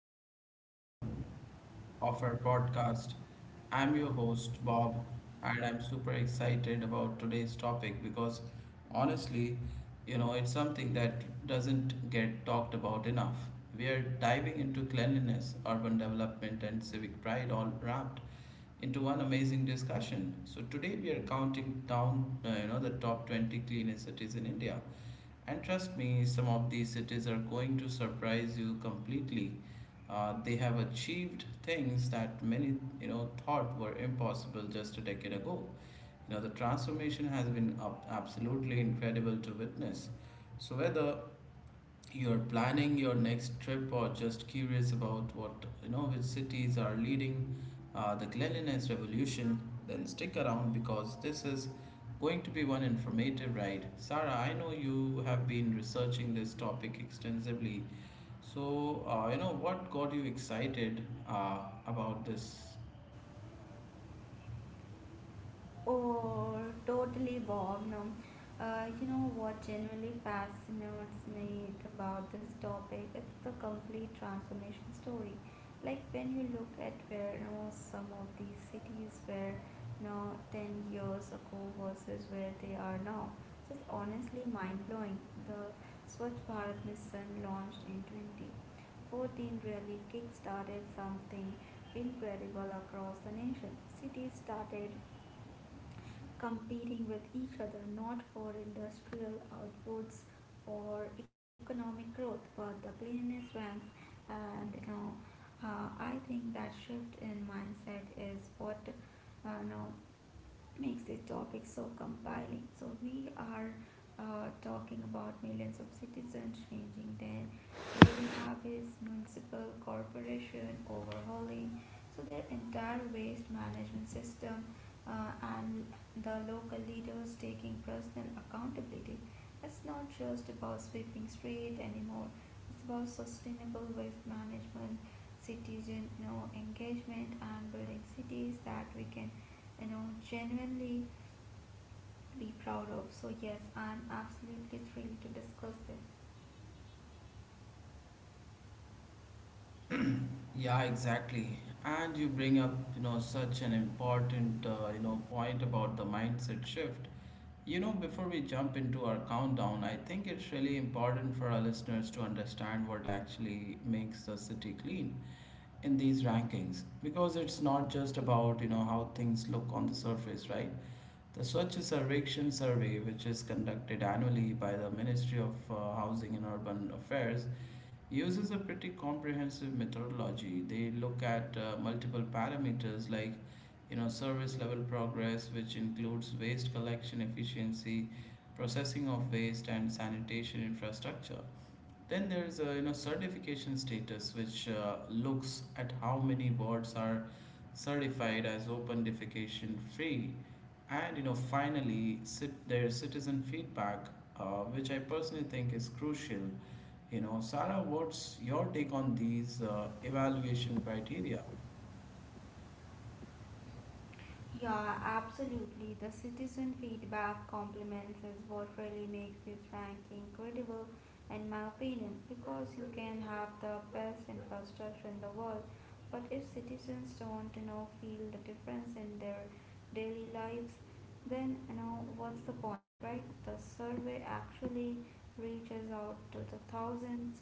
fantastic episode of our podcast. I'm your host Bob, and I'm super excited about today's topic because honestly, it's something that doesn't get talked about enough. We are diving into cleanliness, urban development, and civic pride all wrapped into one amazing discussion. So today we are counting down, the top 20 cleanest cities in India, and trust me, some of these cities are going to surprise you completely. They have achieved things that many, thought were impossible just a decade ago. You know, the transformation has been absolutely incredible to witness. So whether you're planning your next trip or just curious about what which cities are leading the cleanliness revolution, then stick around because this is going to be one informative ride. Sarah, I know you have been researching this topic extensively, so what got you excited uh, about this? Or totally Bob. No. What genuinely fascinates me about this topic, it's the complete transformation story. Like, when you look at where some of these cities were now 10 years ago versus where they are now, so it's honestly mind-blowing. The Swachh Bharat Mission launched in 2014, really kick-started something incredible across the nation. Cities started competing with each other, not for industrial outputs or economic growth but the cleanliness ranks. And you know I think that shift in mindset is what uh, you know makes this topic so compelling. So we are talking about millions of citizens changing their living habits, municipal corporation overhauling so their entire waste management system, uh, and the local leaders taking personal accountability. It's not just about sweeping street anymore. It's about sustainable waste management, citizen engagement, and building cities that we can you know genuinely be proud of. So yes, I'm absolutely thrilled to discuss this. Yeah, exactly. And you bring up, such an important, point about the mindset shift. You know, before we jump into our countdown, I think it's really important for our listeners to understand what actually makes the city clean in these rankings, because it's not just about, how things look on the surface, right? The Swachh Sarvekshan survey, which is conducted annually by the Ministry of Housing and Urban Affairs, uses a pretty comprehensive methodology. They look at multiple parameters like service level progress, which includes waste collection efficiency, processing of waste, and sanitation infrastructure. Then there's a certification status, which looks at how many boards are certified as open defecation free, and finally sit their citizen feedback, which I personally think is crucial. You know, Sarah, what's your take on these evaluation criteria? Yeah, absolutely. The citizen feedback compliments is what really makes this ranking credible, in my opinion, because you can have the best infrastructure in the world, but if citizens don't feel the difference in their daily lives, then what's the point, right? The survey actually reaches out to the thousands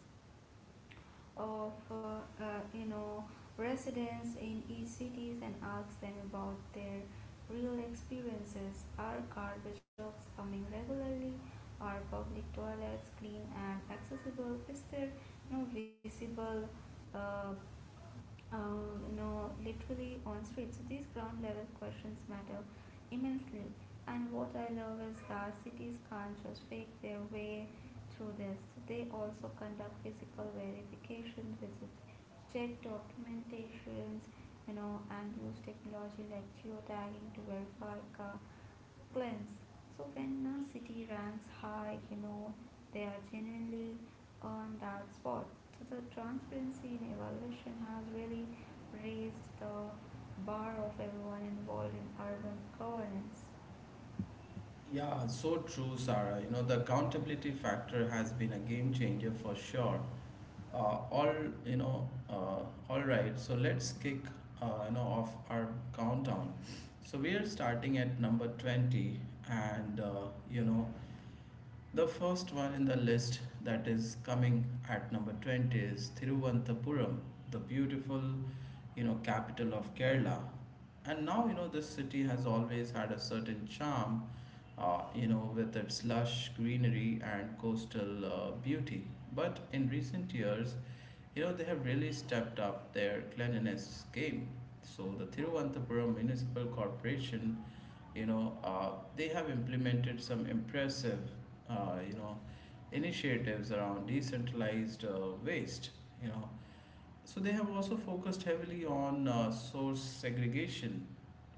of you know residents in each cities and ask them about their real experiences. Are garbage trucks coming regularly? Are public toilets clean and accessible? Is there no visible uh, literally on street. So these ground level questions matter immensely. And what I love is that cities can't just fake their way through this. They also conduct physical verification visits, check documentations, and use technology like geotagging to verify car cleanse. So when a city ranks high, they are genuinely on that spot. So the transparency in evaluation has really raised the bar of everyone involved in urban governance. Yeah, so true, Sarah. You know, the accountability factor has been a game changer for sure. Uh, all you know, uh, all right. So let's kick off our countdown. So we are starting at number 20, and the first one in the list that is coming at number 20 is Thiruvananthapuram, the beautiful, capital of Kerala. And now, this city has always had a certain charm, with its lush greenery and coastal beauty. But in recent years, they have really stepped up their cleanliness game. So the Thiruvananthapuram Municipal Corporation, you know uh, they have implemented some impressive uh, you know initiatives around decentralized waste. you know so they have also focused heavily on source segregation,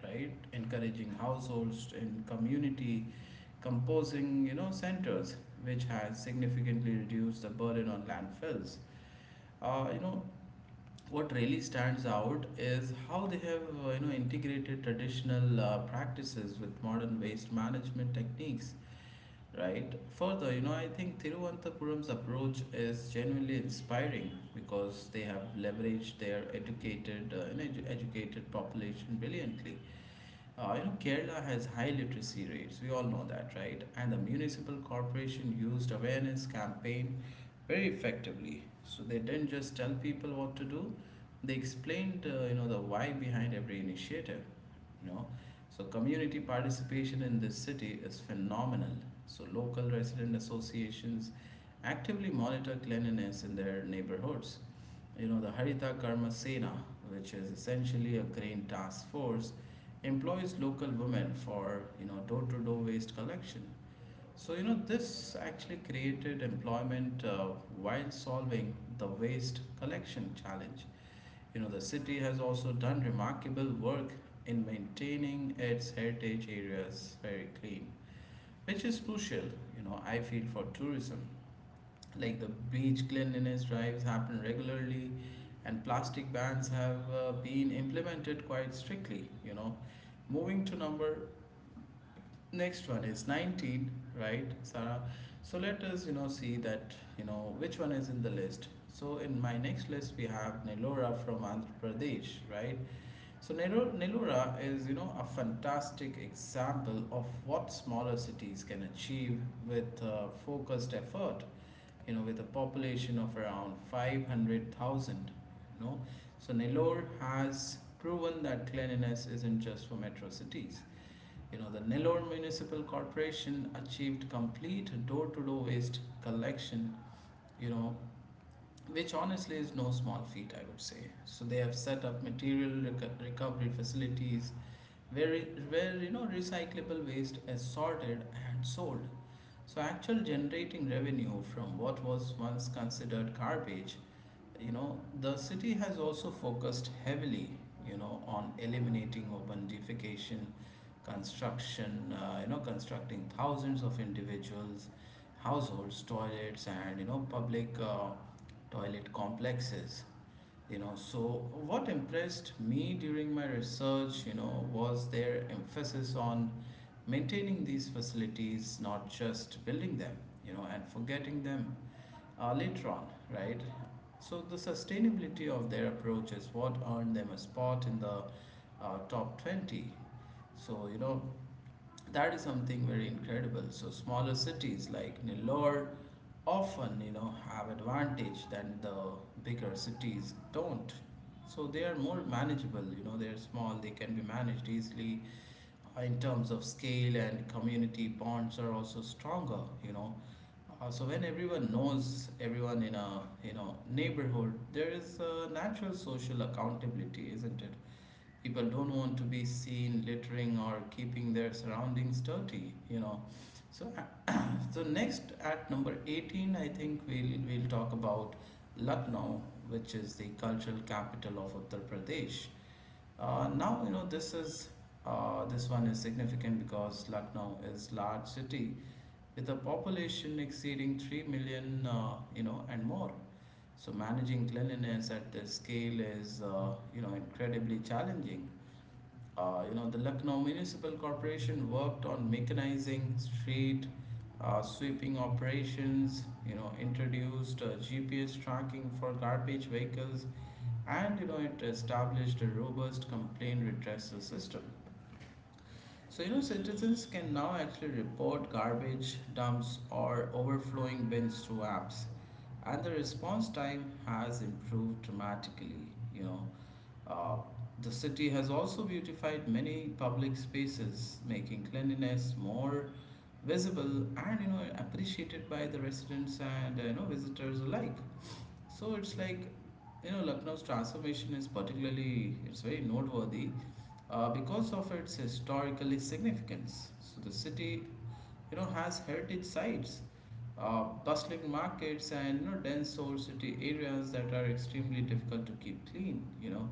right, encouraging households and community composing centers, which has significantly reduced the burden on landfills. uh, you know what really stands out is how they have integrated traditional practices with modern waste management techniques, right? Further, I think Thiruvananthapuram's approach is genuinely inspiring because they have leveraged their educated educated population brilliantly. Kerala has high literacy rates. We all know that, right? And the municipal corporation used awareness campaign very effectively. So they didn't just tell people what to do; they explained, the why behind every initiative. You know, so community participation in this city is phenomenal. So local resident associations actively monitor cleanliness in their neighborhoods. The Harita Karma Sena, which is essentially a grain task force, employs local women for door-to-door waste collection. This actually created employment while solving the waste collection challenge. The city has also done remarkable work in maintaining its heritage areas very clean, which is crucial, I feel, for tourism. Like the beach cleanliness drives happen regularly, and plastic bans have been implemented quite strictly, you know. Moving to number, next one is 19, right, Sarah? So let us, see that, which one is in the list. So in my next list, we have Nellore from Andhra Pradesh, right? So Nellore is, a fantastic example of what smaller cities can achieve with focused effort, with a population of around 500,000, you know. So Nellore has proven that cleanliness isn't just for metro cities. You know, the Nellore Municipal Corporation achieved complete door to door waste collection, you know, which honestly is no small feat, I would say. So they have set up material recovery facilities where, you know, recyclable waste is sorted and sold. So actual generating revenue from what was once considered garbage. The city has also focused heavily, on eliminating urban defecation, construction, constructing thousands of individuals, households, toilets, and public toilet complexes. You know, so what impressed me during my research, was their emphasis on maintaining these facilities, not just building them, and forgetting them later on, right? So the sustainability of their approach is what earned them a spot in the top 20. So you know that is something very incredible. So smaller cities like Nellore often have advantage than the bigger cities don't. So they are more manageable. You know, they're small. They can be managed easily in terms of scale, and community bonds are also stronger. You know, so when everyone knows everyone in a you know neighborhood, there is a natural social accountability, isn't it? People don't want to be seen littering or keeping their surroundings dirty, you know. So uh, so next at number 18, I think we'll talk about Lucknow, which is the cultural capital of Uttar Pradesh. Now this one is significant because Lucknow is large city with a population exceeding 3 million, and more. So managing cleanliness at this scale is incredibly challenging. The Lucknow Municipal Corporation worked on mechanizing street sweeping operations, introduced GPS tracking for garbage vehicles, and it established a robust complaint redressal system. So, citizens can now actually report garbage dumps or overflowing bins through apps, and the response time has improved dramatically. You know, uh, the city has also beautified many public spaces, making cleanliness more visible and appreciated by the residents and visitors alike. So it's like, Lucknow's transformation is particularly, it's very noteworthy because of its historical significance. So the city, has heritage sites, bustling markets, and dense old city areas that are extremely difficult to keep clean.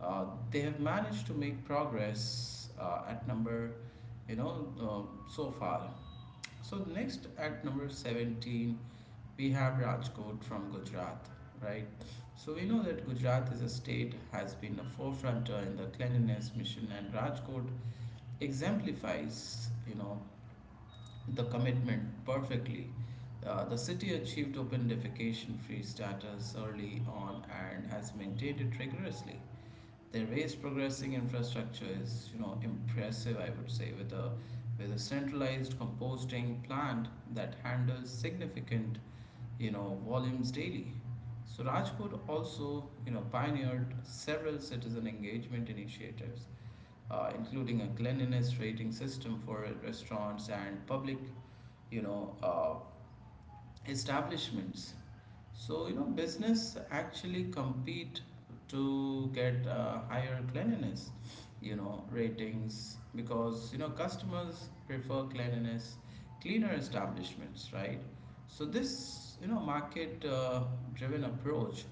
uh, they have managed to make progress at number, you know, so far. So next at number 17, we have Rajkot from Gujarat, right? So we know that Gujarat is a state has been a forefronter in the cleanliness mission, and Rajkot exemplifies the commitment perfectly. The city achieved open defecation free status early on and has maintained it rigorously. Their waste progressing infrastructure is, impressive, I would say, with a centralized composting plant that handles significant, volumes daily. So Rajkot also, pioneered several citizen engagement initiatives, including a cleanliness rating system for restaurants and public, you know, uh, establishments. So you know, business actually compete to get higher cleanliness, ratings, because you know customers prefer cleaner establishments, right? So this, market-driven approach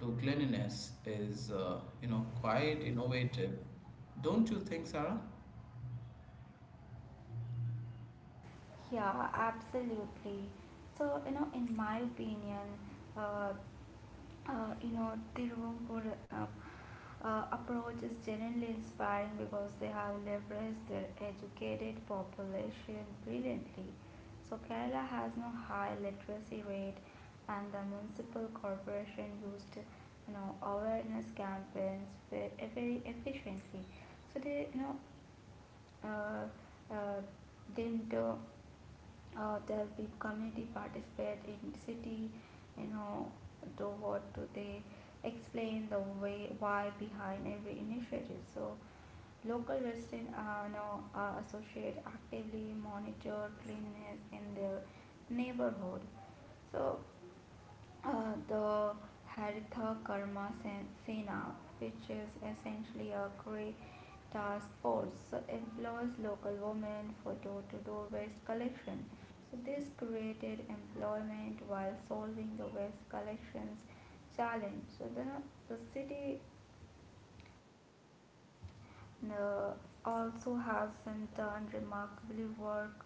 to cleanliness is, quite innovative, don't you think, Sarah? Yeah, absolutely. So, in my opinion, uh, Tiruvangur approach is generally inspiring because they have leveraged their educated population brilliantly. So Kerala has no high literacy rate, and the municipal corporation used, awareness campaigns very, very efficiently. So they, you know, uh, uh, then the, there'll be community participate in city. you know do what do they explain, the way why behind every initiative. So local residents are now associate actively monitor cleanliness in their neighborhood. So the Haritha Karma Sena, which is essentially a grey task force, so employs local women for door to door waste collection. So this created employment while solving the waste collections challenge. So then the city uh, also has in turn remarkably work.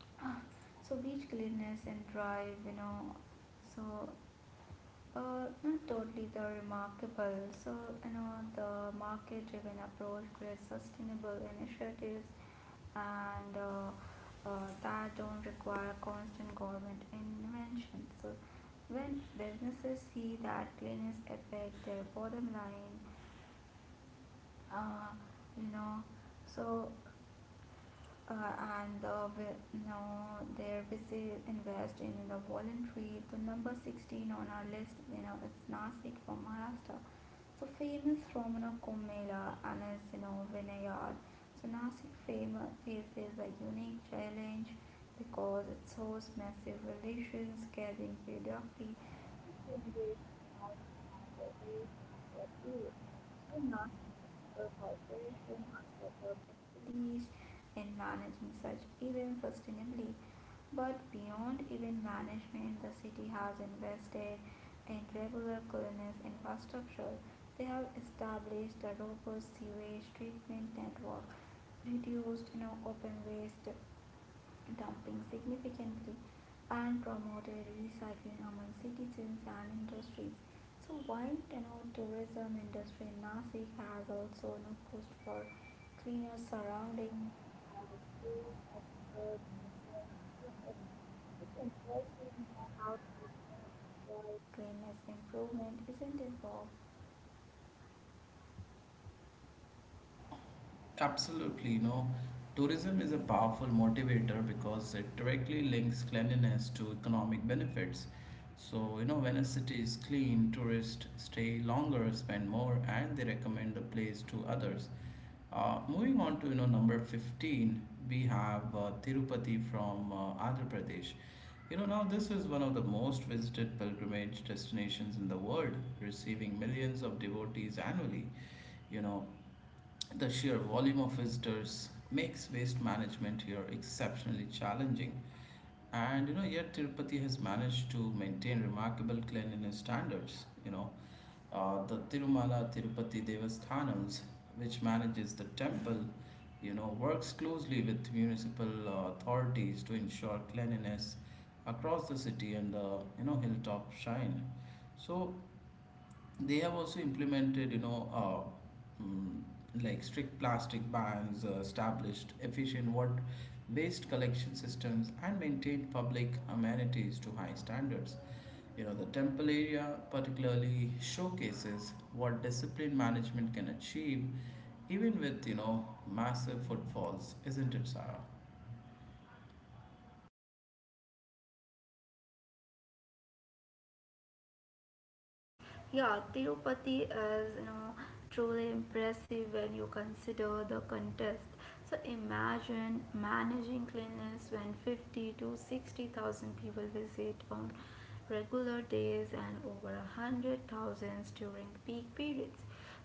So beach cleanliness and drive, so uh, not totally the remarkable. So, you know, the market driven approach creates sustainable initiatives and that don't require constant government intervention. So when businesses see that cleaners affect their bottom line, uh, you know, so uh, now their visit invest in the voluntary. The number 16 on our list, you know, it's Nasik from Maharashtra. So famous from, you know, Kumbh Mela and its, you know, vineyard. So Nasik famous faces a unique challenge because it shows massive relations carrying periodically, which generates knowledge not a waste and short period. So Nasik is a corporation in hospital expertise in managing such events sustainably. But beyond event management, the city has invested in regular cleanliness infrastructure. They have established a robust sewage treatment network, reduced open waste dumping significantly, and promoted recycling among citizens and industries. So while tourism industry in Nasik has also pushed for cleaner surroundings, and schools, experts, research students. It's interesting, you know, how tourism can drive cleanliness improvement, isn't it, Bob? Absolutely, you know, tourism is a powerful motivator because it directly links cleanliness to economic benefits. So, when a city is clean, tourists stay longer, spend more, and they recommend the place to others. Moving on to, number 15, we have Tirupati from Andhra Pradesh. You know, now this is one of the most visited pilgrimage destinations in the world, receiving millions of devotees annually. You know, the sheer volume of visitors makes waste management here exceptionally challenging. And you know, yet Tirupati has managed to maintain remarkable cleanliness standards. The Tirumala Tirupati Devasthanams, which manages the temple, works closely with municipal authorities to ensure cleanliness across the city and the hilltop shrine. So they have also implemented, like, strict plastic bans, established efficient water based collection systems, and maintained public amenities to high standards. The temple area particularly showcases what discipline management can achieve even with, massive footfalls, isn't it, Sarah? Yeah, Tirupati is, you know, truly impressive when you consider the contest. So imagine managing cleanliness when 50 to 60,000 people visit on regular days and over a hundred thousands during peak periods.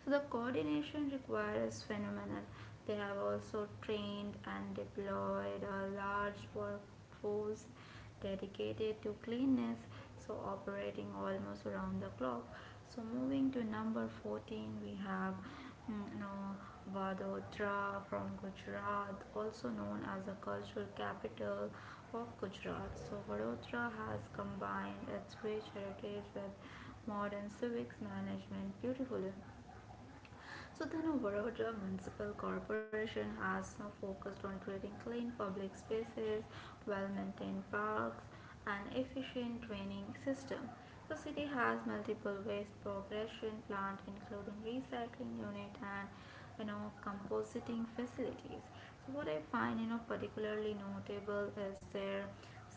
So the coordination required is phenomenal. They have also trained and deployed a large workforce dedicated to cleanliness, so operating almost around the clock. So moving to number 14, we have Vadodara from Gujarat, also known as the cultural capital of Gujarat. So Vadodara has combined its rich heritage with modern civics management beautifully. So then New Baroda Municipal Corporation has now focused on creating clean public spaces, well-maintained parks, and efficient training system. The city has multiple waste progression plant including recycling unit and composting facilities. So what I find, particularly notable is their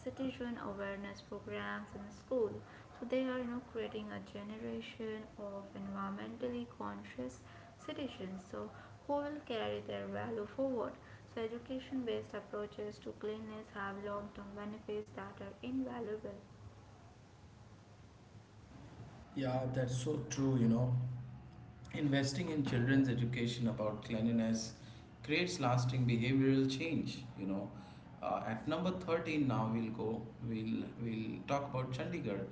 citizen awareness programs in school. So they are, creating a generation of environmentally conscious citizens. So who will carry their value forward. So education-based approaches to cleanliness have long-term benefits that are invaluable. Yeah, that's so true, you know. Investing in children's education about cleanliness creates lasting behavioral change, you know. At number 13, now we'll go we'll talk about Chandigarh,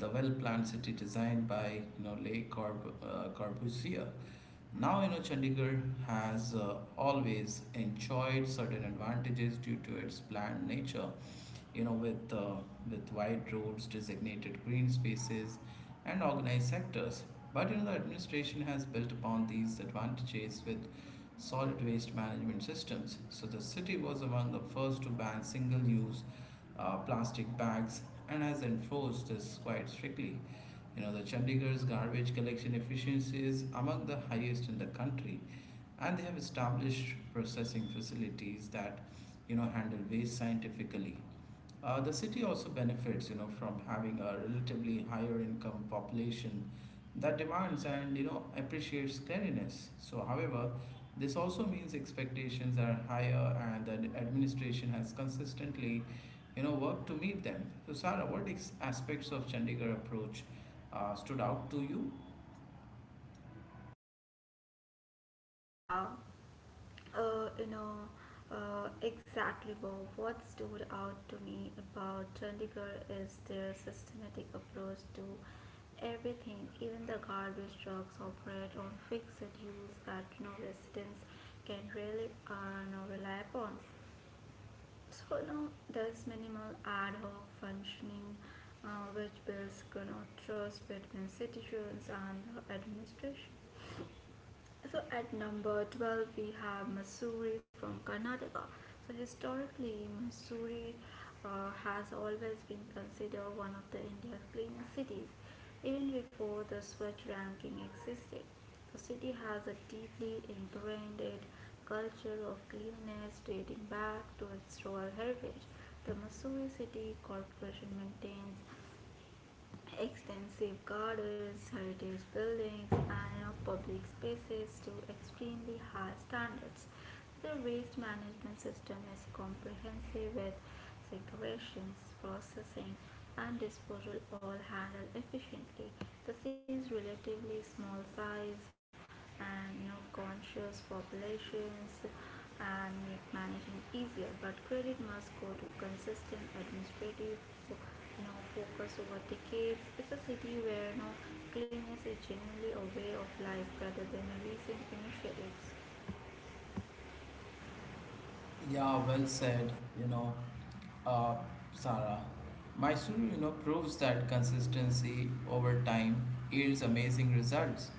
the well-planned city designed by Corbusier. Now, you know, Chandigarh has always enjoyed certain advantages due to its planned nature, you know, with wide roads, designated green spaces, and organized sectors. But, you know, the administration has built upon these advantages with solid waste management systems. So the city was among the first to ban single use plastic bags and has enforced this quite strictly. You know, the chandigarh's garbage collection efficiency is among the highest in the country, and they have established processing facilities that, you know, handle waste scientifically. The city also benefits, you know, from having a relatively higher income population that demands and, you know, appreciates cleanliness. So, however, this also means expectations are higher, and the administration has consistently, you know, worked to meet them. So, Sarah, what aspects of Chandigarh approach stood out to you? Yeah, uh, you know, exactly, Bob. What stood out to me about Chandigarh is their systematic approach to everything. Even the garbage trucks operate on fixed schedules that, you know, residents can really rely upon. So, you know, there's minimal ad hoc functioning, which builds, you know, trust between citizens and the administration. So at number 12 we have Masuri from Karnataka. So historically Masuri has always been considered one of the India's cleanest cities, even before the Swachh ranking existed. The city has a deeply ingrained culture of cleanliness dating back to its royal heritage. The Missouri City Corporation maintains extensive gardens, heritage buildings, and, you know, public spaces to extremely high standards. The waste management system is comprehensive, with segregations, processing, and disposal all handled efficiently. The city's relatively small size and, you know, conscious populations and make managing easier. But credit must go to consistent administrative, you know, focus over decades. It's a city where, you know, cleanliness is generally a way of life rather than a recent initiatives. Yeah, well said. You know, uh, Sarah, Mysuru, you know, proves that consistency over time yields amazing results.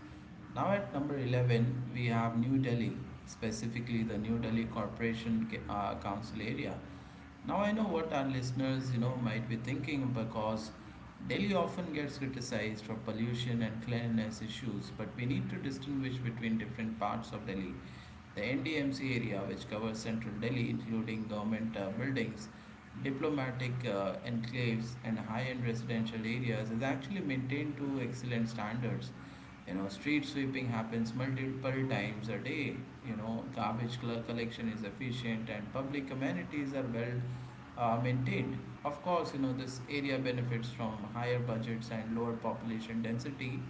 Now at number 11, we have New Delhi, specifically the New Delhi Corporation Council area. Now, I know what our listeners, you know, might be thinking, because Delhi often gets criticized for pollution and cleanliness issues, but we need to distinguish between different parts of Delhi. The NDMC area, which covers central Delhi, including government buildings, diplomatic enclaves, and high end residential areas, is actually maintained to excellent standards. You know, street sweeping happens multiple times a day. You know, garbage collection is efficient, and public amenities are well maintained. Of course, you know, this area benefits from higher budgets and lower population density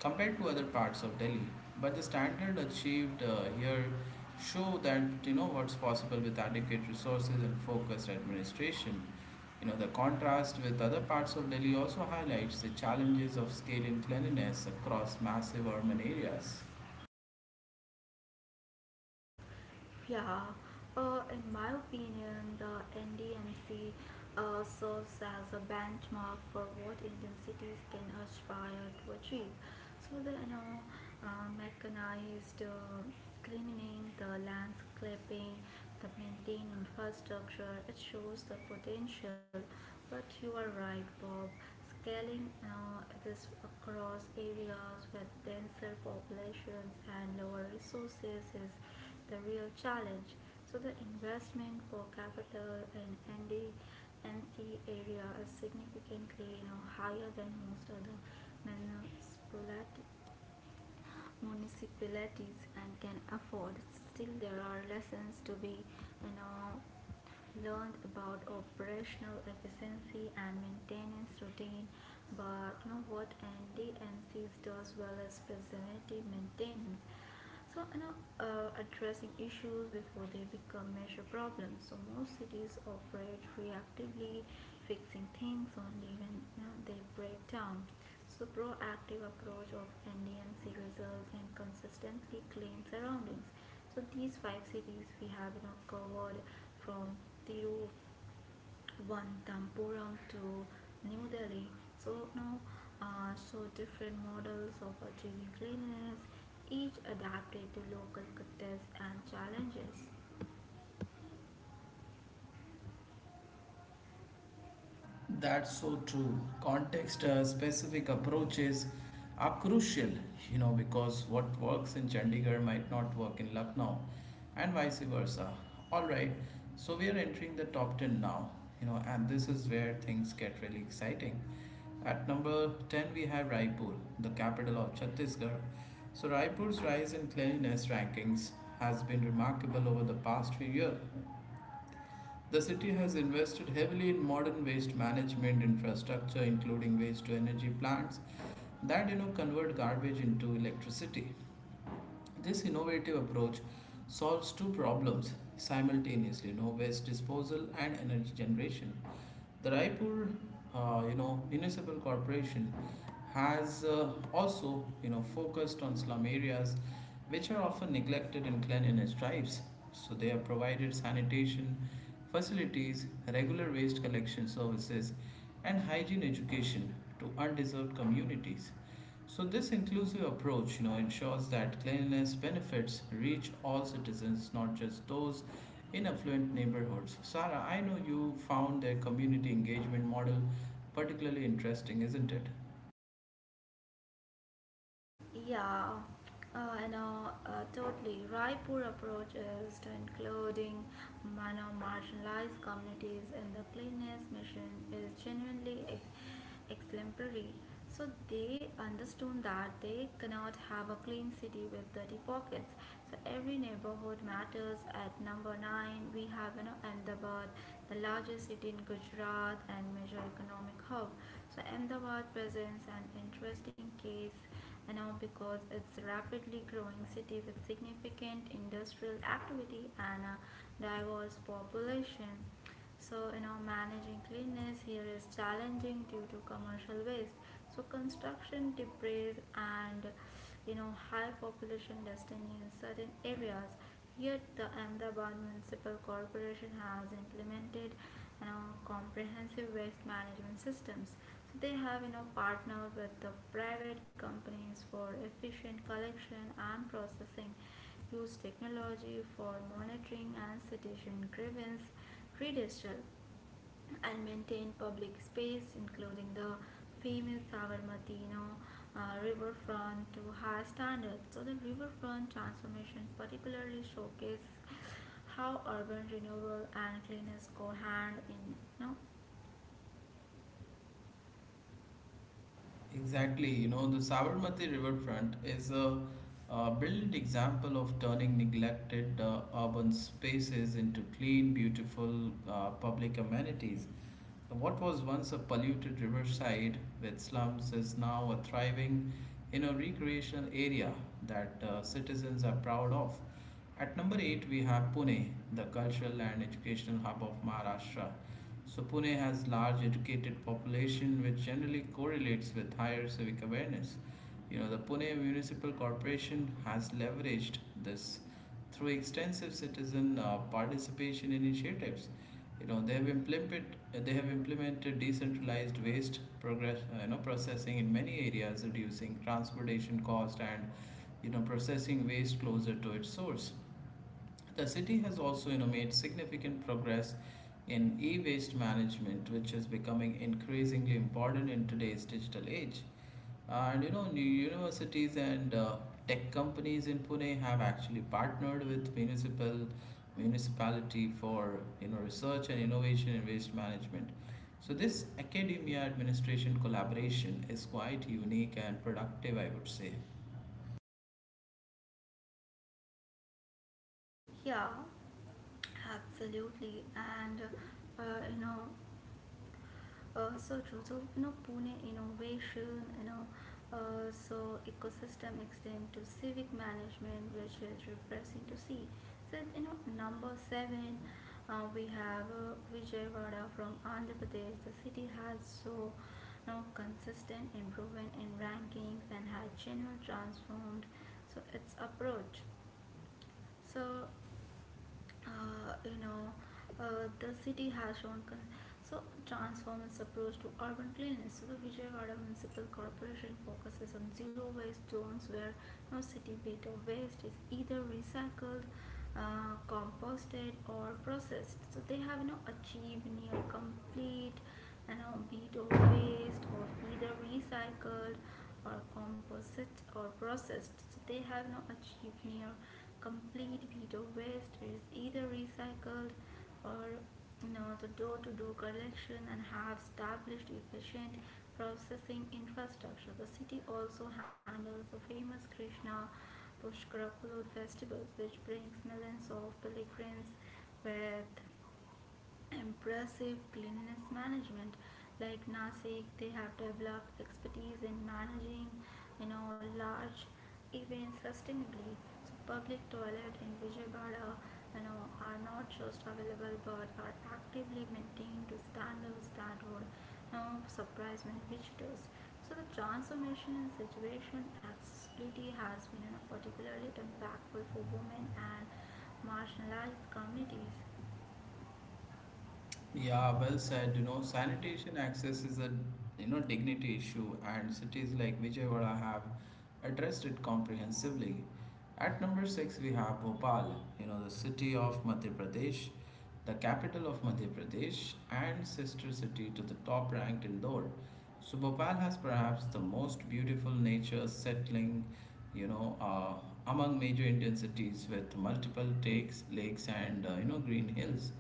compared to other parts of Delhi. But the standard achieved here show that, you know, what's possible with adequate resources and focused administration. You know, the contrast with other parts of Delhi also highlights the challenges of scaling cleanliness across massive urban areas. Yeah, in my opinion, the NDMC serves as a benchmark for what Indian cities can aspire to achieve. So the, mechanized cleaning, the landscaping, the maintained infrastructure, it shows the potential. But you are right, Bob. Scaling this across areas with denser populations and lower resources is the real challenge. So the investment per capita in ND area is significantly, you know, higher than most other municipality, municipalities and can afford. Still, there are lessons to be, you know, learned about operational efficiency and maintenance routine. But you know what NDNCs does well is preventive maintenance, so, addressing issues before they become major problems. So most cities operate reactively, fixing things only when, you know, they break down. So proactive approach of NDMC results in consistently clean surroundings. So these five cities we have, you know, covered from Tiru, one Tampuram to New Delhi. So now, different models of achieving cleanliness, each adapted to local context and challenges. That's so true. Context specific approaches are crucial, you know, because what works in Chandigarh might not work in Lucknow, and vice versa. All right, so we are entering the top 10 now, you know, and this is where things get really exciting. At number 10, we have Raipur, the capital of Chhattisgarh. So Raipur's rise in cleanliness rankings has been remarkable over the past few years. The city has invested heavily in modern waste management infrastructure, including waste to energy plants that, you know, convert garbage into electricity. This innovative approach solves two problems simultaneously: you know, waste disposal and energy generation. The Raipur, you know, municipal corporation has also, you know, focused on slum areas, which are often neglected in cleanliness drives. So they have provided sanitation facilities, regular waste collection services, and hygiene education to undeserved communities. So this inclusive approach, you know, ensures that cleanliness benefits reach all citizens, not just those in affluent neighborhoods. Sarah, I know you found their community engagement model particularly interesting, isn't it? Yeah, and totally. Raipur approach is to including minor marginalized communities in the cleanliness mission is genuinely exemplary. So they understood that they cannot have a clean city with dirty pockets. So every neighborhood matters. At number nine, we have, you know, Ahmedabad, the largest city in Gujarat and major economic hub. So Ahmedabad presents an interesting case now, because it's rapidly growing city with significant industrial activity and a diverse population. So, you know, managing cleanliness here is challenging due to commercial waste. So construction debris and, you know, high population density in certain areas. Yet, the Ahmedabad Municipal Corporation has implemented, you know, comprehensive waste management systems. So they have, you know, partnered with the private companies for efficient collection and processing, use technology for monitoring and citation grievance, redistrict, and maintain public space, including the famous Savarmatino riverfront, to high standards. So the riverfront transformation particularly showcases how urban renewal and cleanliness go hand in. You know? Exactly, you know, the Sabarmati riverfront is a brilliant example of turning neglected urban spaces into clean, beautiful public amenities. What was once a polluted riverside with slums is now a thriving, you know, recreational area that citizens are proud of. At number eight, we have Pune, the cultural and educational hub of Maharashtra. So Pune has large educated population which generally correlates with higher civic awareness. You know, the Pune Municipal Corporation has leveraged this through extensive citizen participation initiatives. You know, they have implemented decentralized waste progress you know, processing in many areas, reducing transportation cost and, you know, processing waste closer to its source. The city has also, you know, made significant progress in e waste management, which is becoming increasingly important in today's digital age. And, you know, new universities and tech companies in Pune have actually partnered with municipality for, you know, research and innovation in waste management. So this academia administration collaboration is quite unique and productive, I would say. Yeah, absolutely. And uh, you know, so True. So, you know, Pune innovation, ecosystem extend to civic management, which is refreshing to see. So, you know, number seven, we have Vijayawada from Andhra Pradesh. The city has so, you know, consistent improvement in rankings and has genuinely transformed so its approach. So uh, you know, the city has shown so transform its approach to urban cleanliness. So the Vijayawada Municipal Corporation focuses on zero waste zones where no city bit of waste is either recycled, composted, or processed. So they have achieved near complete be it of waste or either recycled or composite or processed. So they have now achieved near complete beat of waste which is either recycled or the door-to-door collection and have established efficient processing infrastructure. The city also handles the famous Krishna Pushkar festivals which brings millions of pilgrims with impressive cleanliness management. Like Nasik, they have developed expertise in managing large events sustainably. So public toilet in Vijayawada you know are not just available but are actively maintained to standards that would surprise many visitors. So the transformation in situation accessibility has been particularly impactful for women and marginalized communities. Yeah, well said. You know, sanitation access is a, you know, dignity issue, and cities like Vijayawada have addressed it comprehensively. At number six, we have Bhopal. You know, the city of Madhya Pradesh, the capital of Madhya Pradesh, and sister city to the top-ranked Indore. So Bhopal has perhaps the most beautiful nature settling, you know, among major Indian cities with multiple takes, lakes, and, you know, green hills.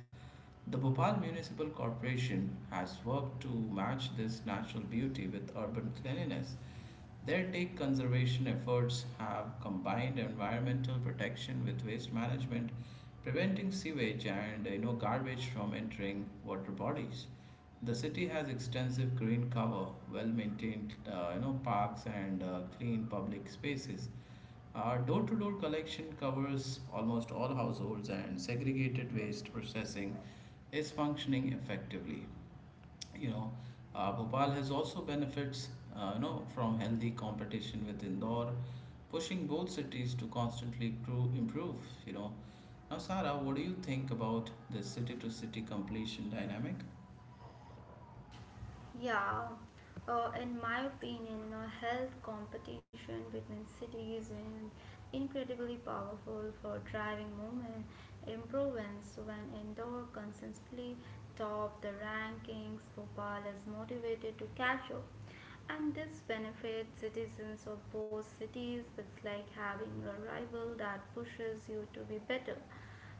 The Bhopal Municipal Corporation has worked to match this natural beauty with urban cleanliness. Their take conservation efforts have combined environmental protection with waste management, preventing sewage and, you know, garbage from entering water bodies. The city has extensive green cover, well maintained, you know, parks and clean public spaces. Our door to door collection covers almost all households, and segregated waste processing is functioning effectively. You know, Bhopal has also benefits, you know, from healthy competition with Indore, pushing both cities to constantly improve. You know, now, Sara, what do you think about the city to city completion dynamic? Yeah, in my opinion, you know, health competition between cities is incredibly powerful for driving movement improvements. When Indore consistently top the rankings, Bhopal is motivated to catch up. And this benefits citizens of both cities. It's like having a rival that pushes you to be better.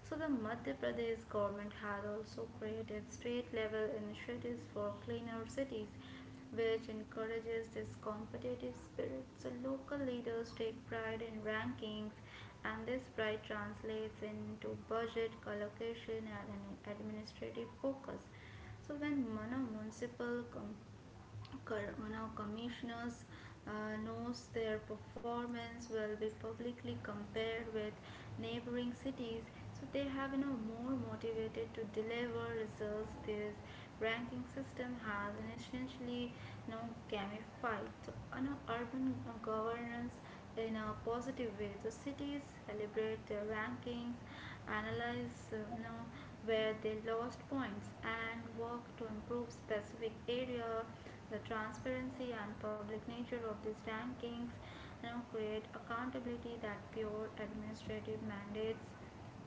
So the Madhya Pradesh government has also created state level initiatives for cleaner cities, which encourages this competitive spirit. So local leaders take pride in rankings, and this pride translates into budget allocation and an administrative focus. So when Mano municipal com- Cor- now commissioners knows their performance will be publicly compared with neighboring cities, so they have more motivated to deliver results. This ranking system has an essentially you know gamified, so, you know, urban governance in a positive way. So cities celebrate their rankings, analyze where they lost points, and work to improve specific area. The transparency and public nature of these rankings, create accountability that pure administrative mandates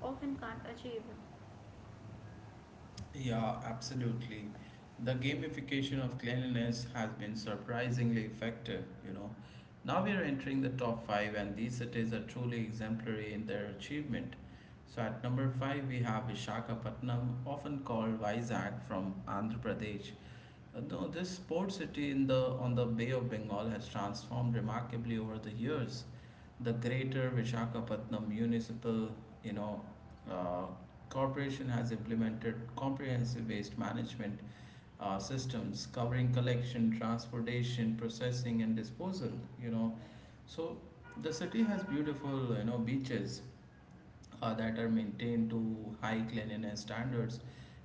often can't achieve. Yeah, absolutely. The gamification of cleanliness has been surprisingly effective, you know. Now we are entering the top five, and these cities are truly exemplary in their achievement. So at number five, we have Vishakhapatnam, often called Vizag, from Andhra Pradesh. No, this port city in the on the Bay of Bengal has transformed remarkably over the years. The Greater Visakhapatnam Municipal, you know, uh, corporation has implemented comprehensive waste management systems covering collection, transportation, processing, and disposal. You know, so the city has beautiful, you know, beaches that are maintained to high cleanliness standards,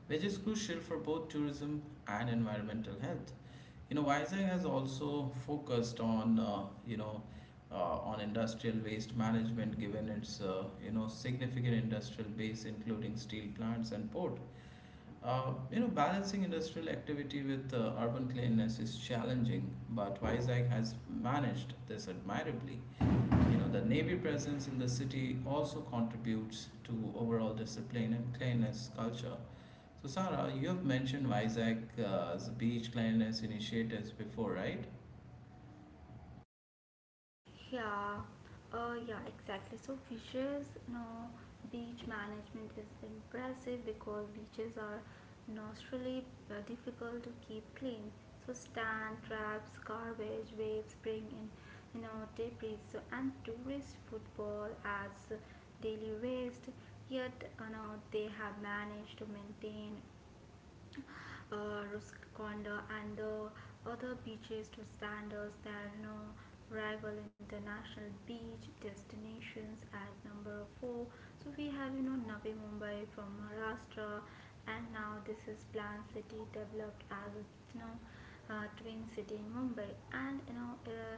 which is crucial for both tourism and environmental health. You know, Vizag has also focused on, on industrial waste management, given its, you know, significant industrial base, including steel plants and port. You know, balancing industrial activity with urban cleanliness is challenging, but Vizag has managed this admirably. You know, the Navy presence in the city also contributes to overall discipline and cleanliness culture. So, Sarah, you have mentioned Visakh's beach cleanliness initiatives before, right? Yeah, yeah, exactly. So fishes, you know, beach management is impressive because beaches are nostrally difficult to keep clean. So stand traps, garbage, waves bring in, you know, debris. So and tourist football as daily waste. Yet, you know, they have managed to maintain Ruskondha and the other beaches to standards that no rival international beach destinations at number four. So we have Navi Mumbai from Maharashtra, and now this is planned city developed as a you know twin city in Mumbai, and you know.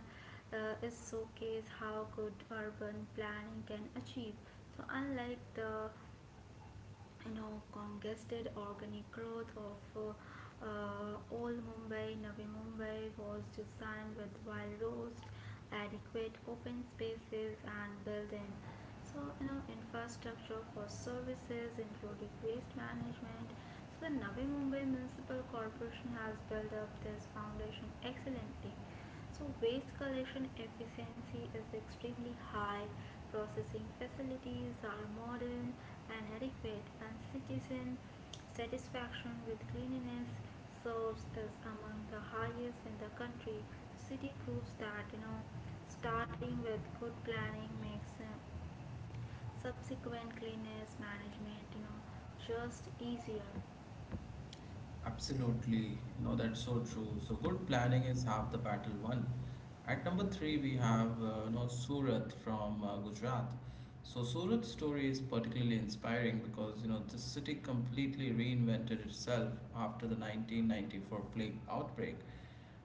Is showcase how good urban planning can achieve. So unlike the congested organic growth of old Mumbai, Navi Mumbai was designed with wild roads, adequate open spaces, and building, so infrastructure for services, including waste management. So the Navi Mumbai Municipal Corporation has built up this foundation excellently. So waste collection efficiency is extremely high, processing facilities are modern and adequate, and citizen satisfaction with cleanliness serves as among the highest in the country. The city proves that starting with good planning makes subsequent cleanliness management just easier. Absolutely. You know, that's so true. So, good planning is half the battle won. At number three, we have, you know, Surat from Gujarat. So Surat's story is particularly inspiring because, you know, the city completely reinvented itself after the 1994 plague outbreak.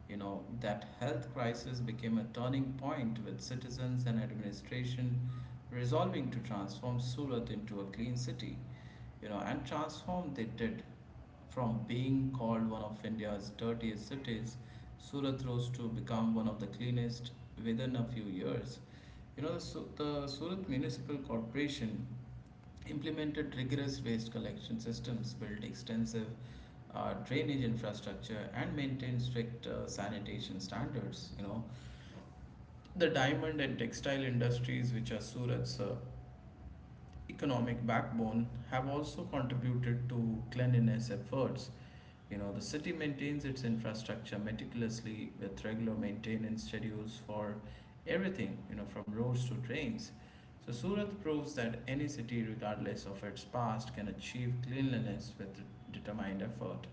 You know, that health crisis became a turning point with citizens and administration resolving to transform Surat into a clean city. You know, and transform they did. From being called one of India's dirtiest cities, Surat rose to become one of the cleanest within a few years. You know, the Surat Municipal Corporation implemented rigorous waste collection systems, built extensive drainage infrastructure, and maintained strict sanitation standards. You know, the diamond and textile industries, which are Surat's economic backbone, have also contributed to cleanliness efforts. You know, the city maintains its infrastructure meticulously with regular maintenance schedules for everything, you know, from roads to trains. So Surat proves that any city, regardless of its past, can achieve cleanliness with determined effort.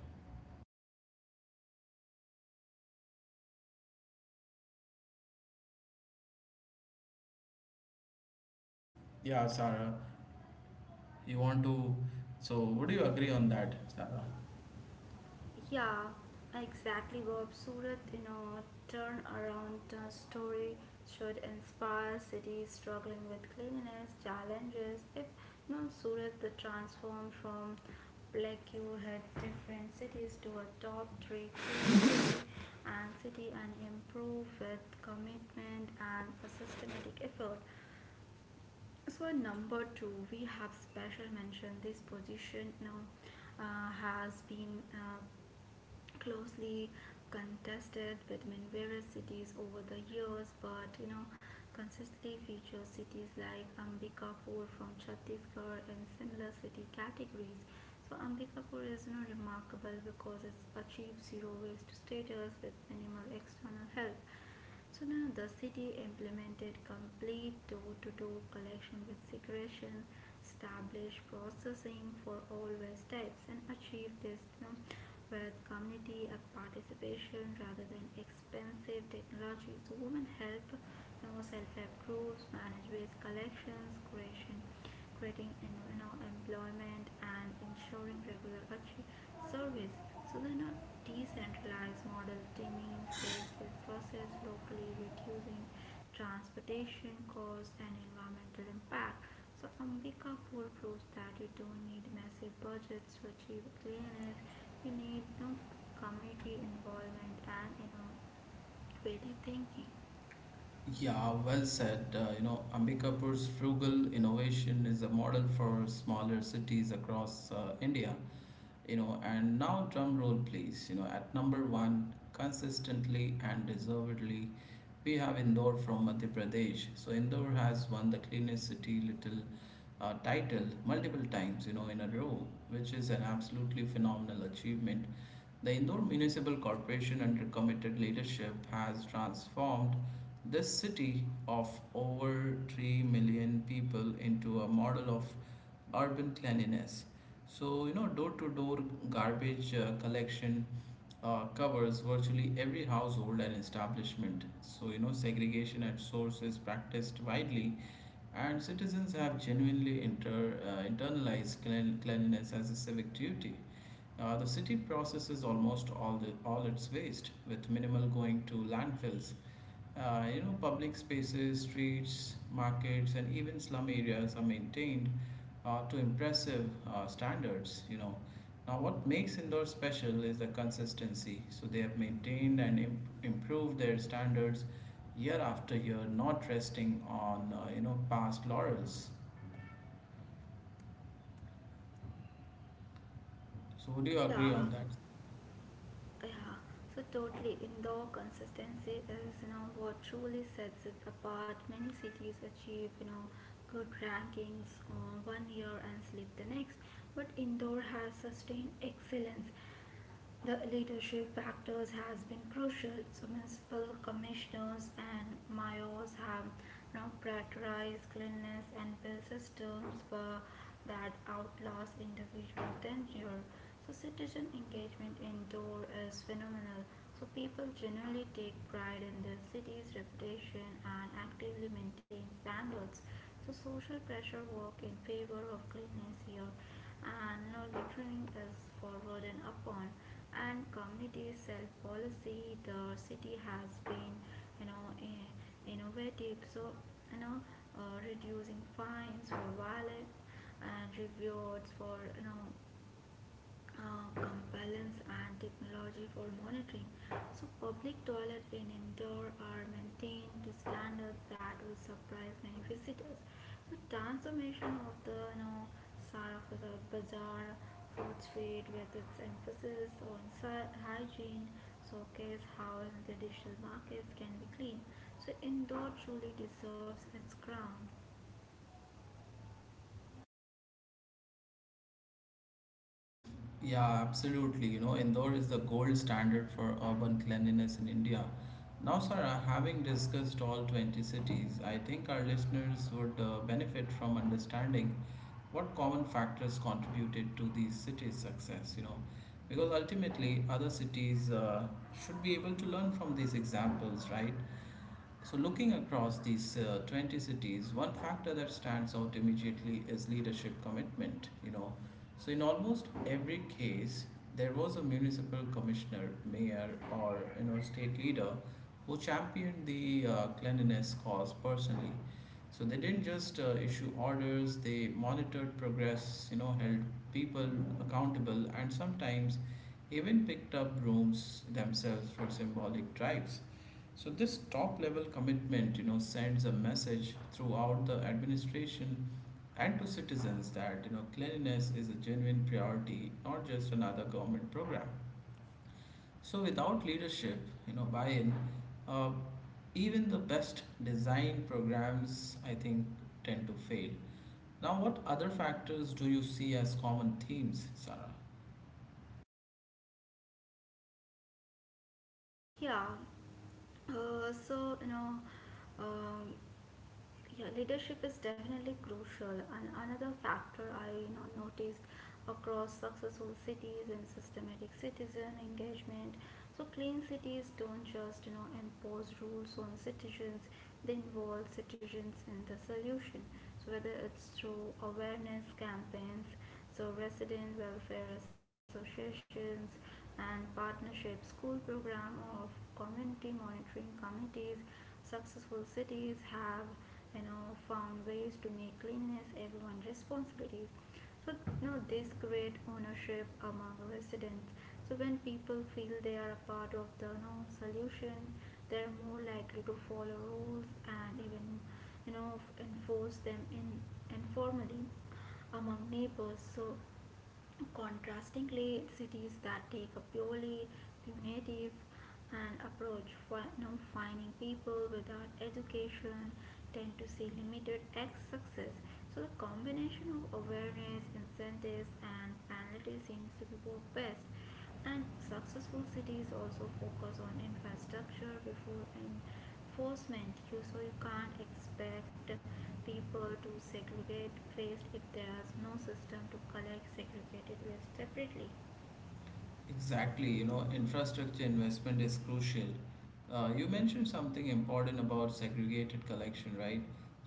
Yeah, Sarah, you want to. So, would you agree on that, Sarah? Yeah, exactly, Bob. Surat, you know, turnaround story should inspire cities struggling with cleanliness challenges. If you know, Surat the transform from like you had different cities to a top three clean city and city and improve with commitment and a systematic effort. So number two, we have special mention. This position now has been closely contested between various cities over the years, but you know consistently features cities like Ambikapur from Chhattisgarh and similar city categories. So Ambikapur is remarkable because it's achieved zero waste status with minimal external help. So now the city implemented complete door to door collection with segregation, established processing for all waste types, and achieved this, you know, with community of participation rather than expensive technology. So women help, you know, self help groups manage waste collections, creation creating employment and ensuring regular service. So then a decentralized model demands-based is processed locally, reducing transportation costs and environmental impact. So Ambika Pool proves that you don't need massive budgets to achieve cleanliness. You need community involvement and innovative thinking. Yeah, well said. You know, Ambikapur's frugal innovation is a model for smaller cities across India. You know, and now drum roll please. You know, at number one, consistently and deservedly, we have Indore from Madhya Pradesh. So Indore has won the cleanest city little title multiple times, you know, in a row, which is an absolutely phenomenal achievement. The Indore Municipal Corporation, under committed leadership, has transformed this city of over 3 million people into a model of urban cleanliness. So, you know, door to door garbage collection covers virtually every household and establishment. So, you know, segregation at source is practiced widely, and citizens have genuinely internalized cleanliness as a civic duty. The city processes almost all its waste, with minimal going to landfills. You know, public spaces, streets, markets, and even slum areas are maintained to impressive standards. You know, now what makes Indore special is the consistency. So they have maintained and improved their standards year after year, not resting on, you know, past laurels. So would you agree Yeah. on that? Yeah, so totally. Indoor consistency is, you know, what truly sets it apart. Many cities achieve, you know, good rankings on one year and sleep the next, but indoor has sustained excellence. The leadership factors has been crucial. So municipal commissioners and mayors have now prioritized cleanliness and built systems for that outlast individual tenure. So citizen engagement indoor is phenomenal. So people generally take pride in their city's reputation and actively maintain standards. So social pressure work in favor of cleanliness here, and no littering is forward and upon, and community self policy. The city has been, you know innovative, so you know reducing fines for violence and rewards for compliance and technology for monitoring. So public toilet in Indore are maintained to standards that will surprise many visitors. So transformation of the Sarafazar Bazaar food street with its emphasis on hygiene showcase how traditional markets can be clean. So Indore truly deserves its crown. Yeah, absolutely. You know, Indore is the gold standard for urban cleanliness in India. Now, Sarah, having discussed all 20 cities, I think our listeners would benefit from understanding what common factors contributed to these cities' success, you know, because ultimately other cities should be able to learn from these examples, right? So, looking across these 20 cities, one factor that stands out immediately is leadership commitment. You know, so in almost every case, there was a municipal commissioner, mayor, or, you know, state leader who championed the cleanliness cause personally. So they didn't just issue orders; they monitored progress. You know, held people accountable, and sometimes even picked up brooms themselves for symbolic drives. So this top level commitment, you know, sends a message throughout the administration and to citizens that, you know, cleanliness is a genuine priority, not just another government program. So without leadership, you know, buy-in, uh, even the best design programs, I think, tend to fail. Now, what other factors do you see as common themes, Sarah? Yeah. Uh, so you know, um, yeah, leadership is definitely crucial. And another factor I notice across successful cities and systematic citizen engagement. So clean cities don't just impose rules on citizens; they involve citizens in the solution. So whether it's through awareness campaigns, so resident welfare associations and partnership school program of community monitoring committees, successful cities have found ways to make cleanliness everyone responsibilities, so this create ownership among residents. So when people feel they are a part of the, you know, solution, they're more likely to follow rules and even you know enforce them in informally among neighbors. So contrastingly, cities that take a purely punitive and approach for no know, finding people without education tend to see limited X success. So the combination of awareness, incentives and penalties seems to be work best. And successful cities also focus on infrastructure before enforcement. You so you can't expect people to segregate waste if there is no system to collect segregated waste separately. Exactly, you know, infrastructure investment is crucial. You mentioned something important about segregated collection, right?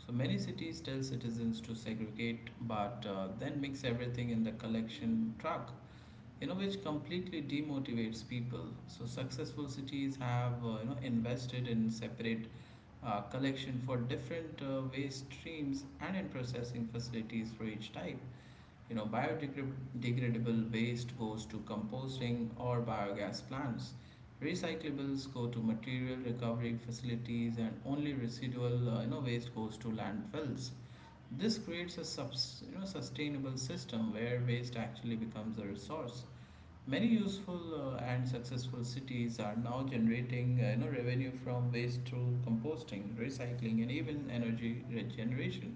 So many cities tell citizens to segregate, but then mix everything in the collection truck, you know, which completely demotivates people. So successful cities have, you know, invested in separate collection for different waste streams and in processing facilities for each type. You know, biodegradable waste goes to composting or biogas plants. Recyclables go to material recovery facilities, and only residual you know waste goes to landfills. This creates a you know sustainable system where waste actually becomes a resource. Many useful and successful cities are now generating you know revenue from waste through composting, recycling, and even energy regeneration.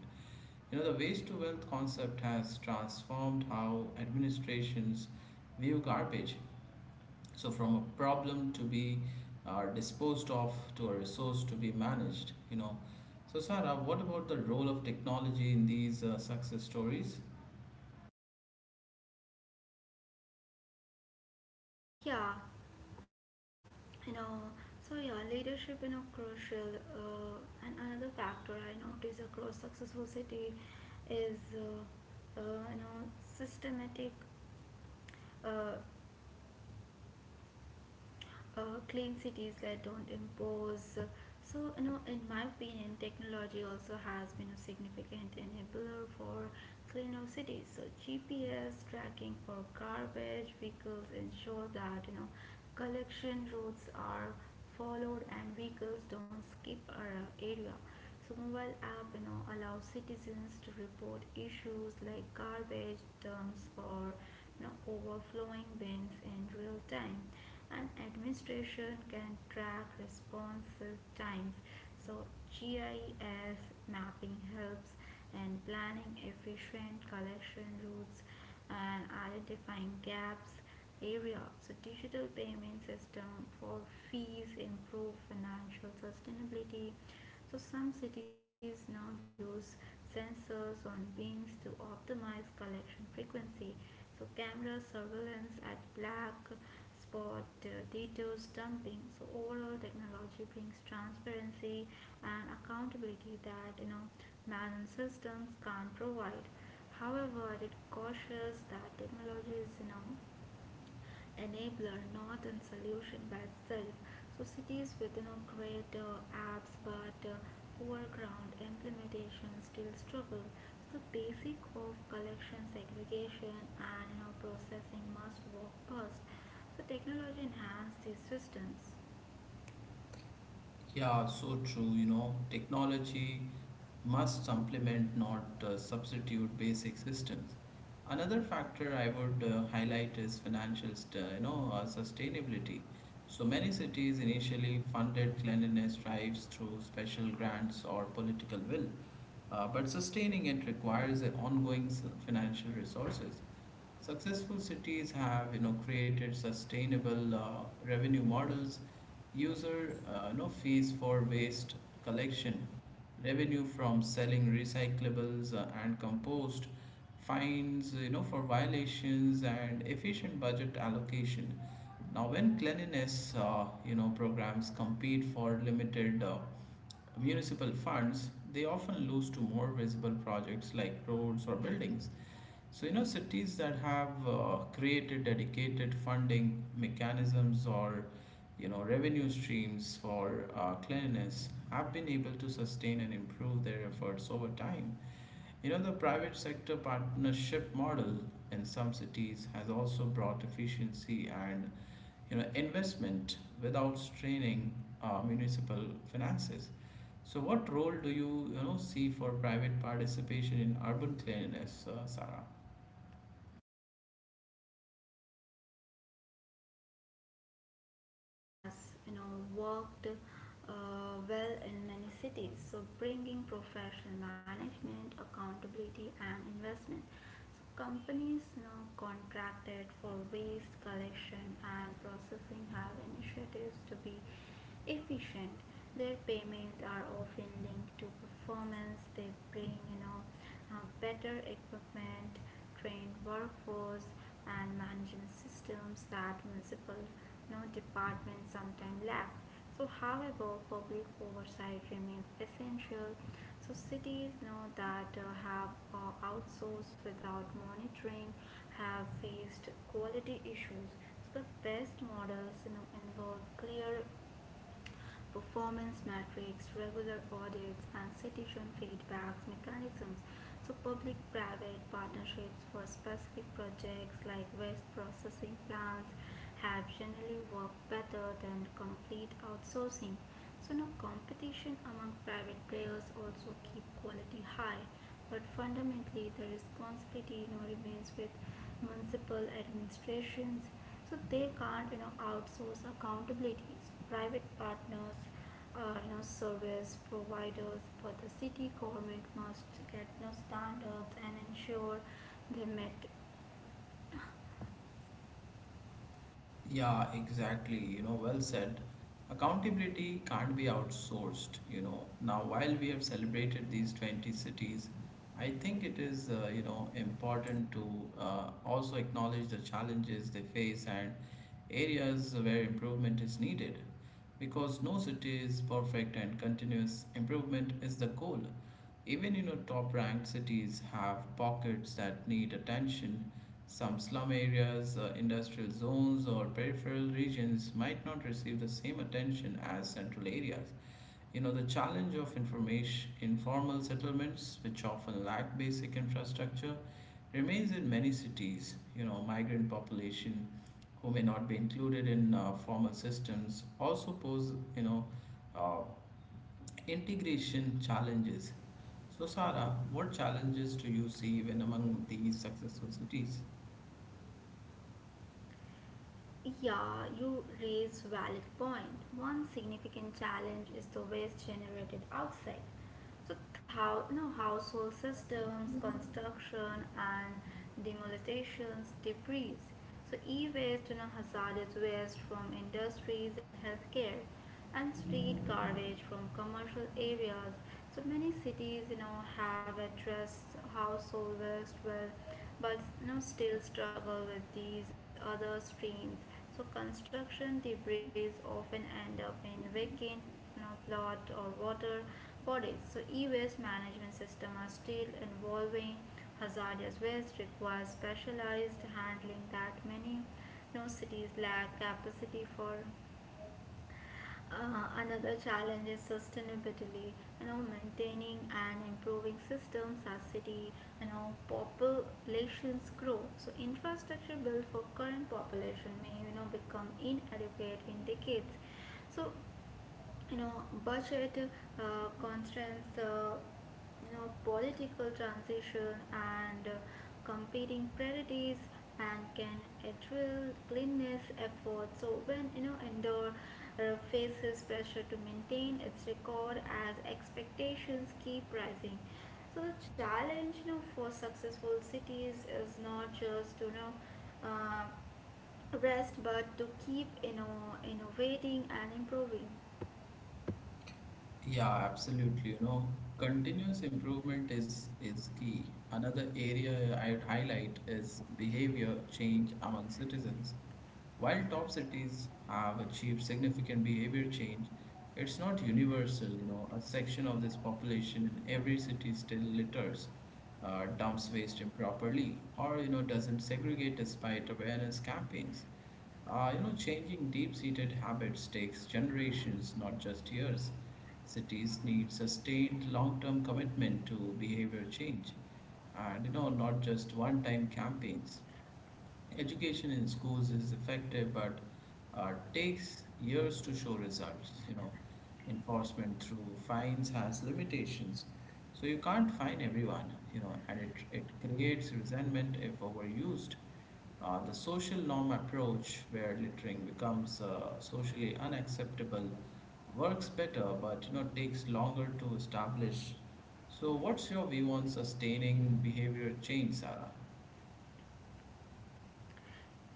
You know, the waste to wealth concept has transformed how administrations view garbage. So, from a problem to be disposed of to a resource to be managed, you know. So, Sarah, what about the role of technology in these success stories? Yeah, you know. So yeah, leadership crucial. And another factor I notice across successful city is you know systematic uh, clean cities that don't impose. So, you know, in my opinion, technology also has been a significant enabler for cleaner cities. So, GPS tracking for garbage vehicles ensure that, you know, collection routes are followed and vehicles don't skip our area. So, mobile app, you know, allows citizens to report issues like garbage dumps or, you know, overflowing bins in real time, and administration can track response times. So GIS mapping helps in planning efficient collection routes and identifying gaps area. So digital payment system for fees improve financial sustainability. So some cities now use sensors on bins to optimize collection frequency. So camera surveillance at black spot details dumping. So overall technology brings transparency and accountability that manual systems can't provide. However, it cautions that technology is, enabler, not in solution by itself. So cities within a great apps but foreground implementations still struggle. So the basic of collection, segregation, and processing must work first. So technology enhances these systems. Yeah, so true. You know, technology must supplement, not substitute, basic systems. Another factor I would highlight is you know, sustainability. So many cities initially funded cleanliness drives through special grants or political will, but sustaining it requires financial resources. Successful cities have, you know, created sustainable revenue models, user no fees for waste collection, revenue from selling recyclables and compost, fines, you know, for violations and efficient budget allocation. Now, when cleanliness, you know, programs compete for limited municipal funds, they often lose to more visible projects like roads or buildings. So, you know, cities that have created dedicated funding mechanisms or, you know, revenue streams for cleanliness have been able to sustain and improve their efforts over time. You know, the private sector partnership model in some cities has also brought efficiency and, you know, investment without straining municipal finances. So, what role do you, you know, see for private participation in urban cleanliness, Sarah? Has worked well in many cities, so bringing professional management accountability and investment. So companies, you know, contracted for waste collection and processing have initiatives to be efficient. Their payments are often linked to performance. They bring, better equipment, trained workforce, and management systems that municipal, you know, departments sometimes lack. So, however, public oversight remains essential. So, cities know that have outsourced without monitoring have faced quality issues. So, the best models, you know, involve clear performance metrics, regular audits, and citizen feedback mechanisms. So, public private partnerships for specific projects like waste processing plants have generally worked better than complete outsourcing. So, now competition among private players also keep quality high, but fundamentally the responsibility, you know, remains with municipal administrations. So, they can't outsource accountability. So, private partners, service providers, but the city government must get, you know, standards and ensure they met. Yeah, exactly. You know, well said. Accountability can't be outsourced, you know. Now, while we have celebrated these 20 cities, I think it is, you know, important to also acknowledge the challenges they face and areas where improvement is needed. Because no city is perfect and continuous improvement is the goal. Even, you know, top ranked cities have pockets that need attention some slum areas, industrial zones, or peripheral regions might not receive the same attention as central areas. You know, the challenge of information, informal settlements, which often lack basic infrastructure, remains in many cities. You know, migrant population who may not be included in formal systems also pose, you know, uh, integration challenges. So, Sarah, what challenges do you see even among these successful cities? Yeah, you raise valid point. One significant challenge is the waste generated outside. So, thou, no household systems, construction, and demolitions, debris. So, e-waste, you know, hazardous waste from industries and healthcare, and street garbage from commercial areas. So, many cities, you know, have addressed household waste well but, you know, still struggle with these other streams. So construction debris often end up in vacant, you know, plot or water bodies. So e-waste management systems are still involving hazardous waste requires specialized handling that many, you know, cities lack capacity for. Another challenge is sustainability, you know, maintaining and improving systems as city, you know, populations grow. So infrastructure built for current population may, you know, become inadequate in decades. So, you know budget constraints, political transition, and competing priorities and can address cleanliness efforts. So when indoor faces pressure to maintain its record as expectations keep rising. So the challenge, for successful cities is not just uh, rest but to keep innovating and improving. Yeah, absolutely. You know, continuous improvement is key. Another area I'd highlight is behavior change among citizens. While top cities have achieved significant behavior change, it's not universal, you know. A section of this population in every city still litters, dumps waste improperly, or, you know, doesn't segregate despite awareness campaigns. You know, changing deep-seated habits takes generations, not just years. Cities need sustained long-term commitment to behavior change, and you know, not just one-time campaigns. Education in schools is effective but takes years to show results, you know. Enforcement through fines has limitations, so you can't fine everyone, you know, and it creates resentment if overused. The social norm approach where littering becomes socially unacceptable works better, but you know takes longer to establish. So what's your view on sustaining behavior change, Sarah?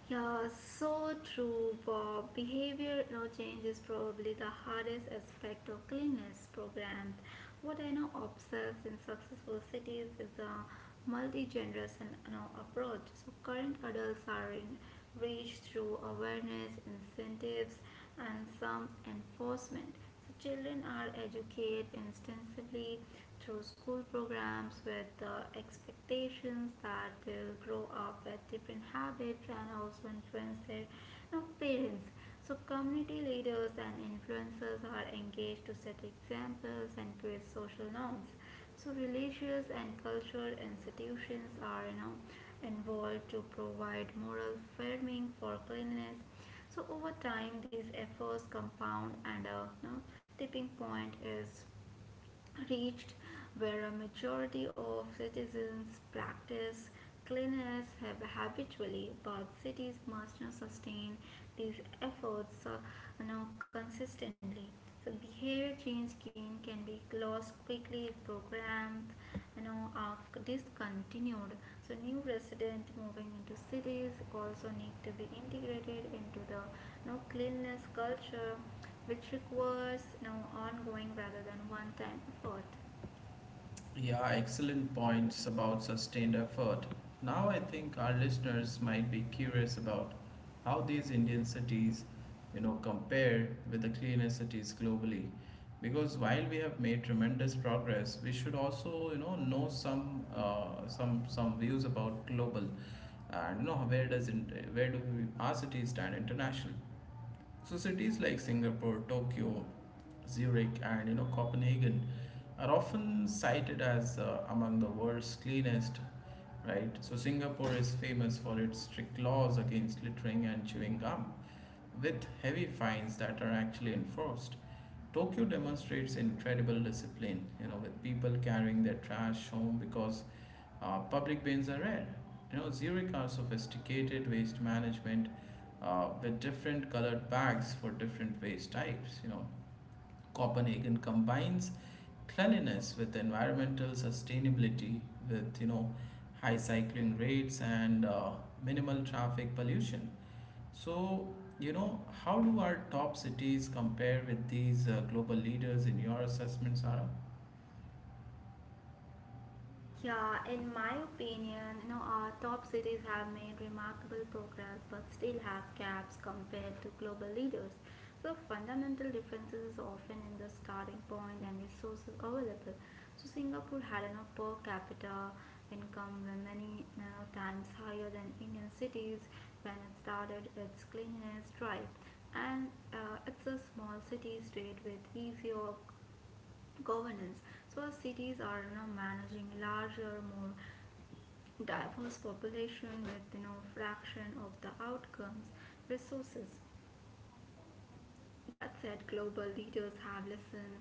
Yeah, so true, Bob. Behavior now change is probably the hardest aspect of cleanliness programs. What I now observe in successful cities is a multi-generation now approach. So current adults are in reached through awareness, incentives, and some enforcement. So children are educated extensively through school programs with the expectations that they'll grow up with different habits and also influence their, you know, parents. So community leaders and influencers are engaged to set examples and create social norms. So religious and cultural institutions are involved to provide moral framing for cleanliness. So over time, these efforts compound, and a, you know, tipping point is reached where a majority of citizens practice cleanliness habitually, but cities must now sustain these efforts, now consistently. So behavior change gain can be lost quickly if programs are discontinued. So new residents moving into cities also need to be integrated into the, you know, cleanliness culture, which requires no ongoing rather than one time effort. Yeah, excellent points about sustained effort. Now I think our listeners might be curious about how these Indian cities, you know, compare with the cleaner cities globally. Because while we have made tremendous progress, we should also, you know some views about global, and you know where does where do we, our cities stand international. So cities like Singapore, Tokyo, Zurich, and you know Copenhagen are often cited as among the world's cleanest. Right. So Singapore is famous for its strict laws against littering and chewing gum, with heavy fines that are actually enforced. Tokyo demonstrates incredible discipline, you know, with people carrying their trash home because public bins are rare. You know, Zurich are sophisticated waste management with different colored bags for different waste types. You know, Copenhagen combines cleanliness with environmental sustainability, with you know, high cycling rates and minimal traffic pollution. So, you know, how do our top cities compare with these global leaders in your assessment, Sarah? Yeah, in my opinion, you know, our top cities have made remarkable progress but still have gaps compared to global leaders. So fundamental differences is often in the starting point and resources available. So Singapore had you per capita income were many, you know, times higher than Indian cities when it started its cleanliness drive. And it's a small city state with easier governance, so cities are, you know, managing larger more diverse population with, you know, fraction of the outcomes resources. That said, global leaders have listened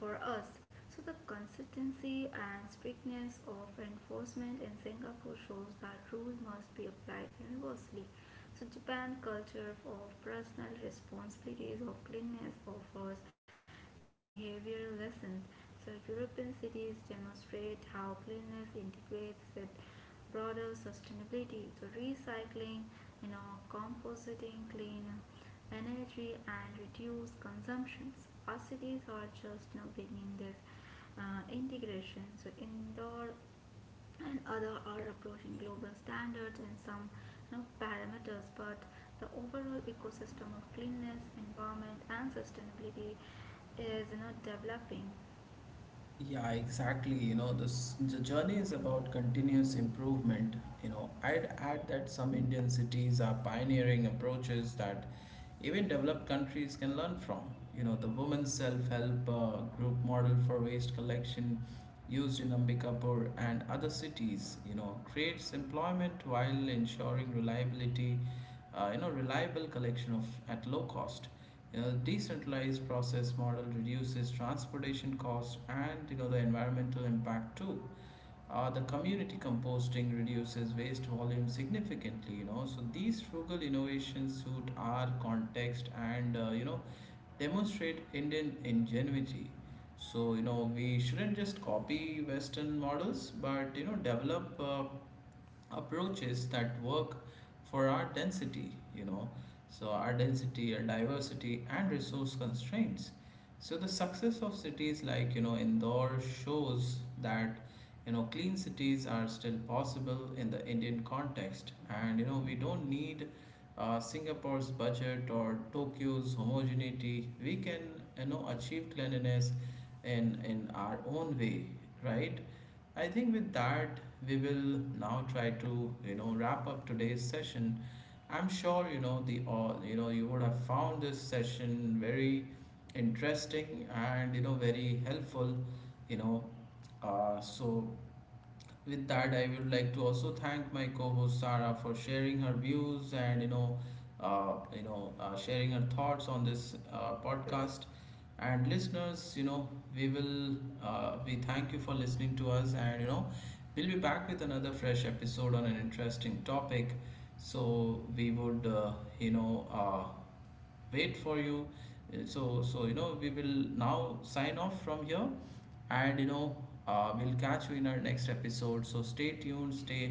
for us. So the consistency and strictness of enforcement in Singapore shows that rules must be applied universally. So Japan culture of personal responsibilities of cleanliness offers no behavioral lessons. So European cities demonstrate how cleanliness integrates with broader sustainability. So recycling, you know, compositing, clean energy and reduce consumptions. Our cities are just now beginning this integration. So indoor and other are approaching global standards in some, you know, parameters, but the overall ecosystem of cleanliness, environment, and sustainability is, developing. Yeah, exactly. You know, this the journey is about continuous improvement. You know, I'd add that some Indian cities are pioneering approaches that even developed countries can learn from. You know, the women's self-help group model for waste collection used in Ambikapur and other cities, you know, creates employment while ensuring reliability, you know, reliable collection of at low cost. You know, the decentralized process model reduces transportation costs and you know the environmental impact too. The community composting reduces waste volume significantly. You know, so these frugal innovations suit our context and you know demonstrate Indian ingenuity. So you know we shouldn't just copy Western models, but you know develop. Approaches that work for our density, you know, so our density, our diversity, and resource constraints. So the success of cities like, you know, Indore shows that, you know, clean cities are still possible in the Indian context. And, you know, we don't need Singapore's budget or Tokyo's homogeneity. We can, you know, achieve cleanliness in our own way, right? I think with that, we will now try to, you know, wrap up today's session. I'm sure, you know, you know, you would have found this session very interesting and, you know, very helpful, you know. So with that I would like to also thank my co-host Sarah for sharing her views and you know sharing her thoughts on this podcast. And listeners, you know, we will we thank you for listening to us, and you know we'll be back with another fresh episode on an interesting topic. So we would you know wait for you. Uh, so so you know we will now sign off from here, and you know we'll catch you in our next episode. So stay tuned, stay,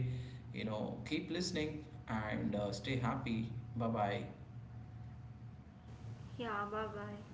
you know, keep listening, and stay happy. Bye bye. Yeah, bye bye.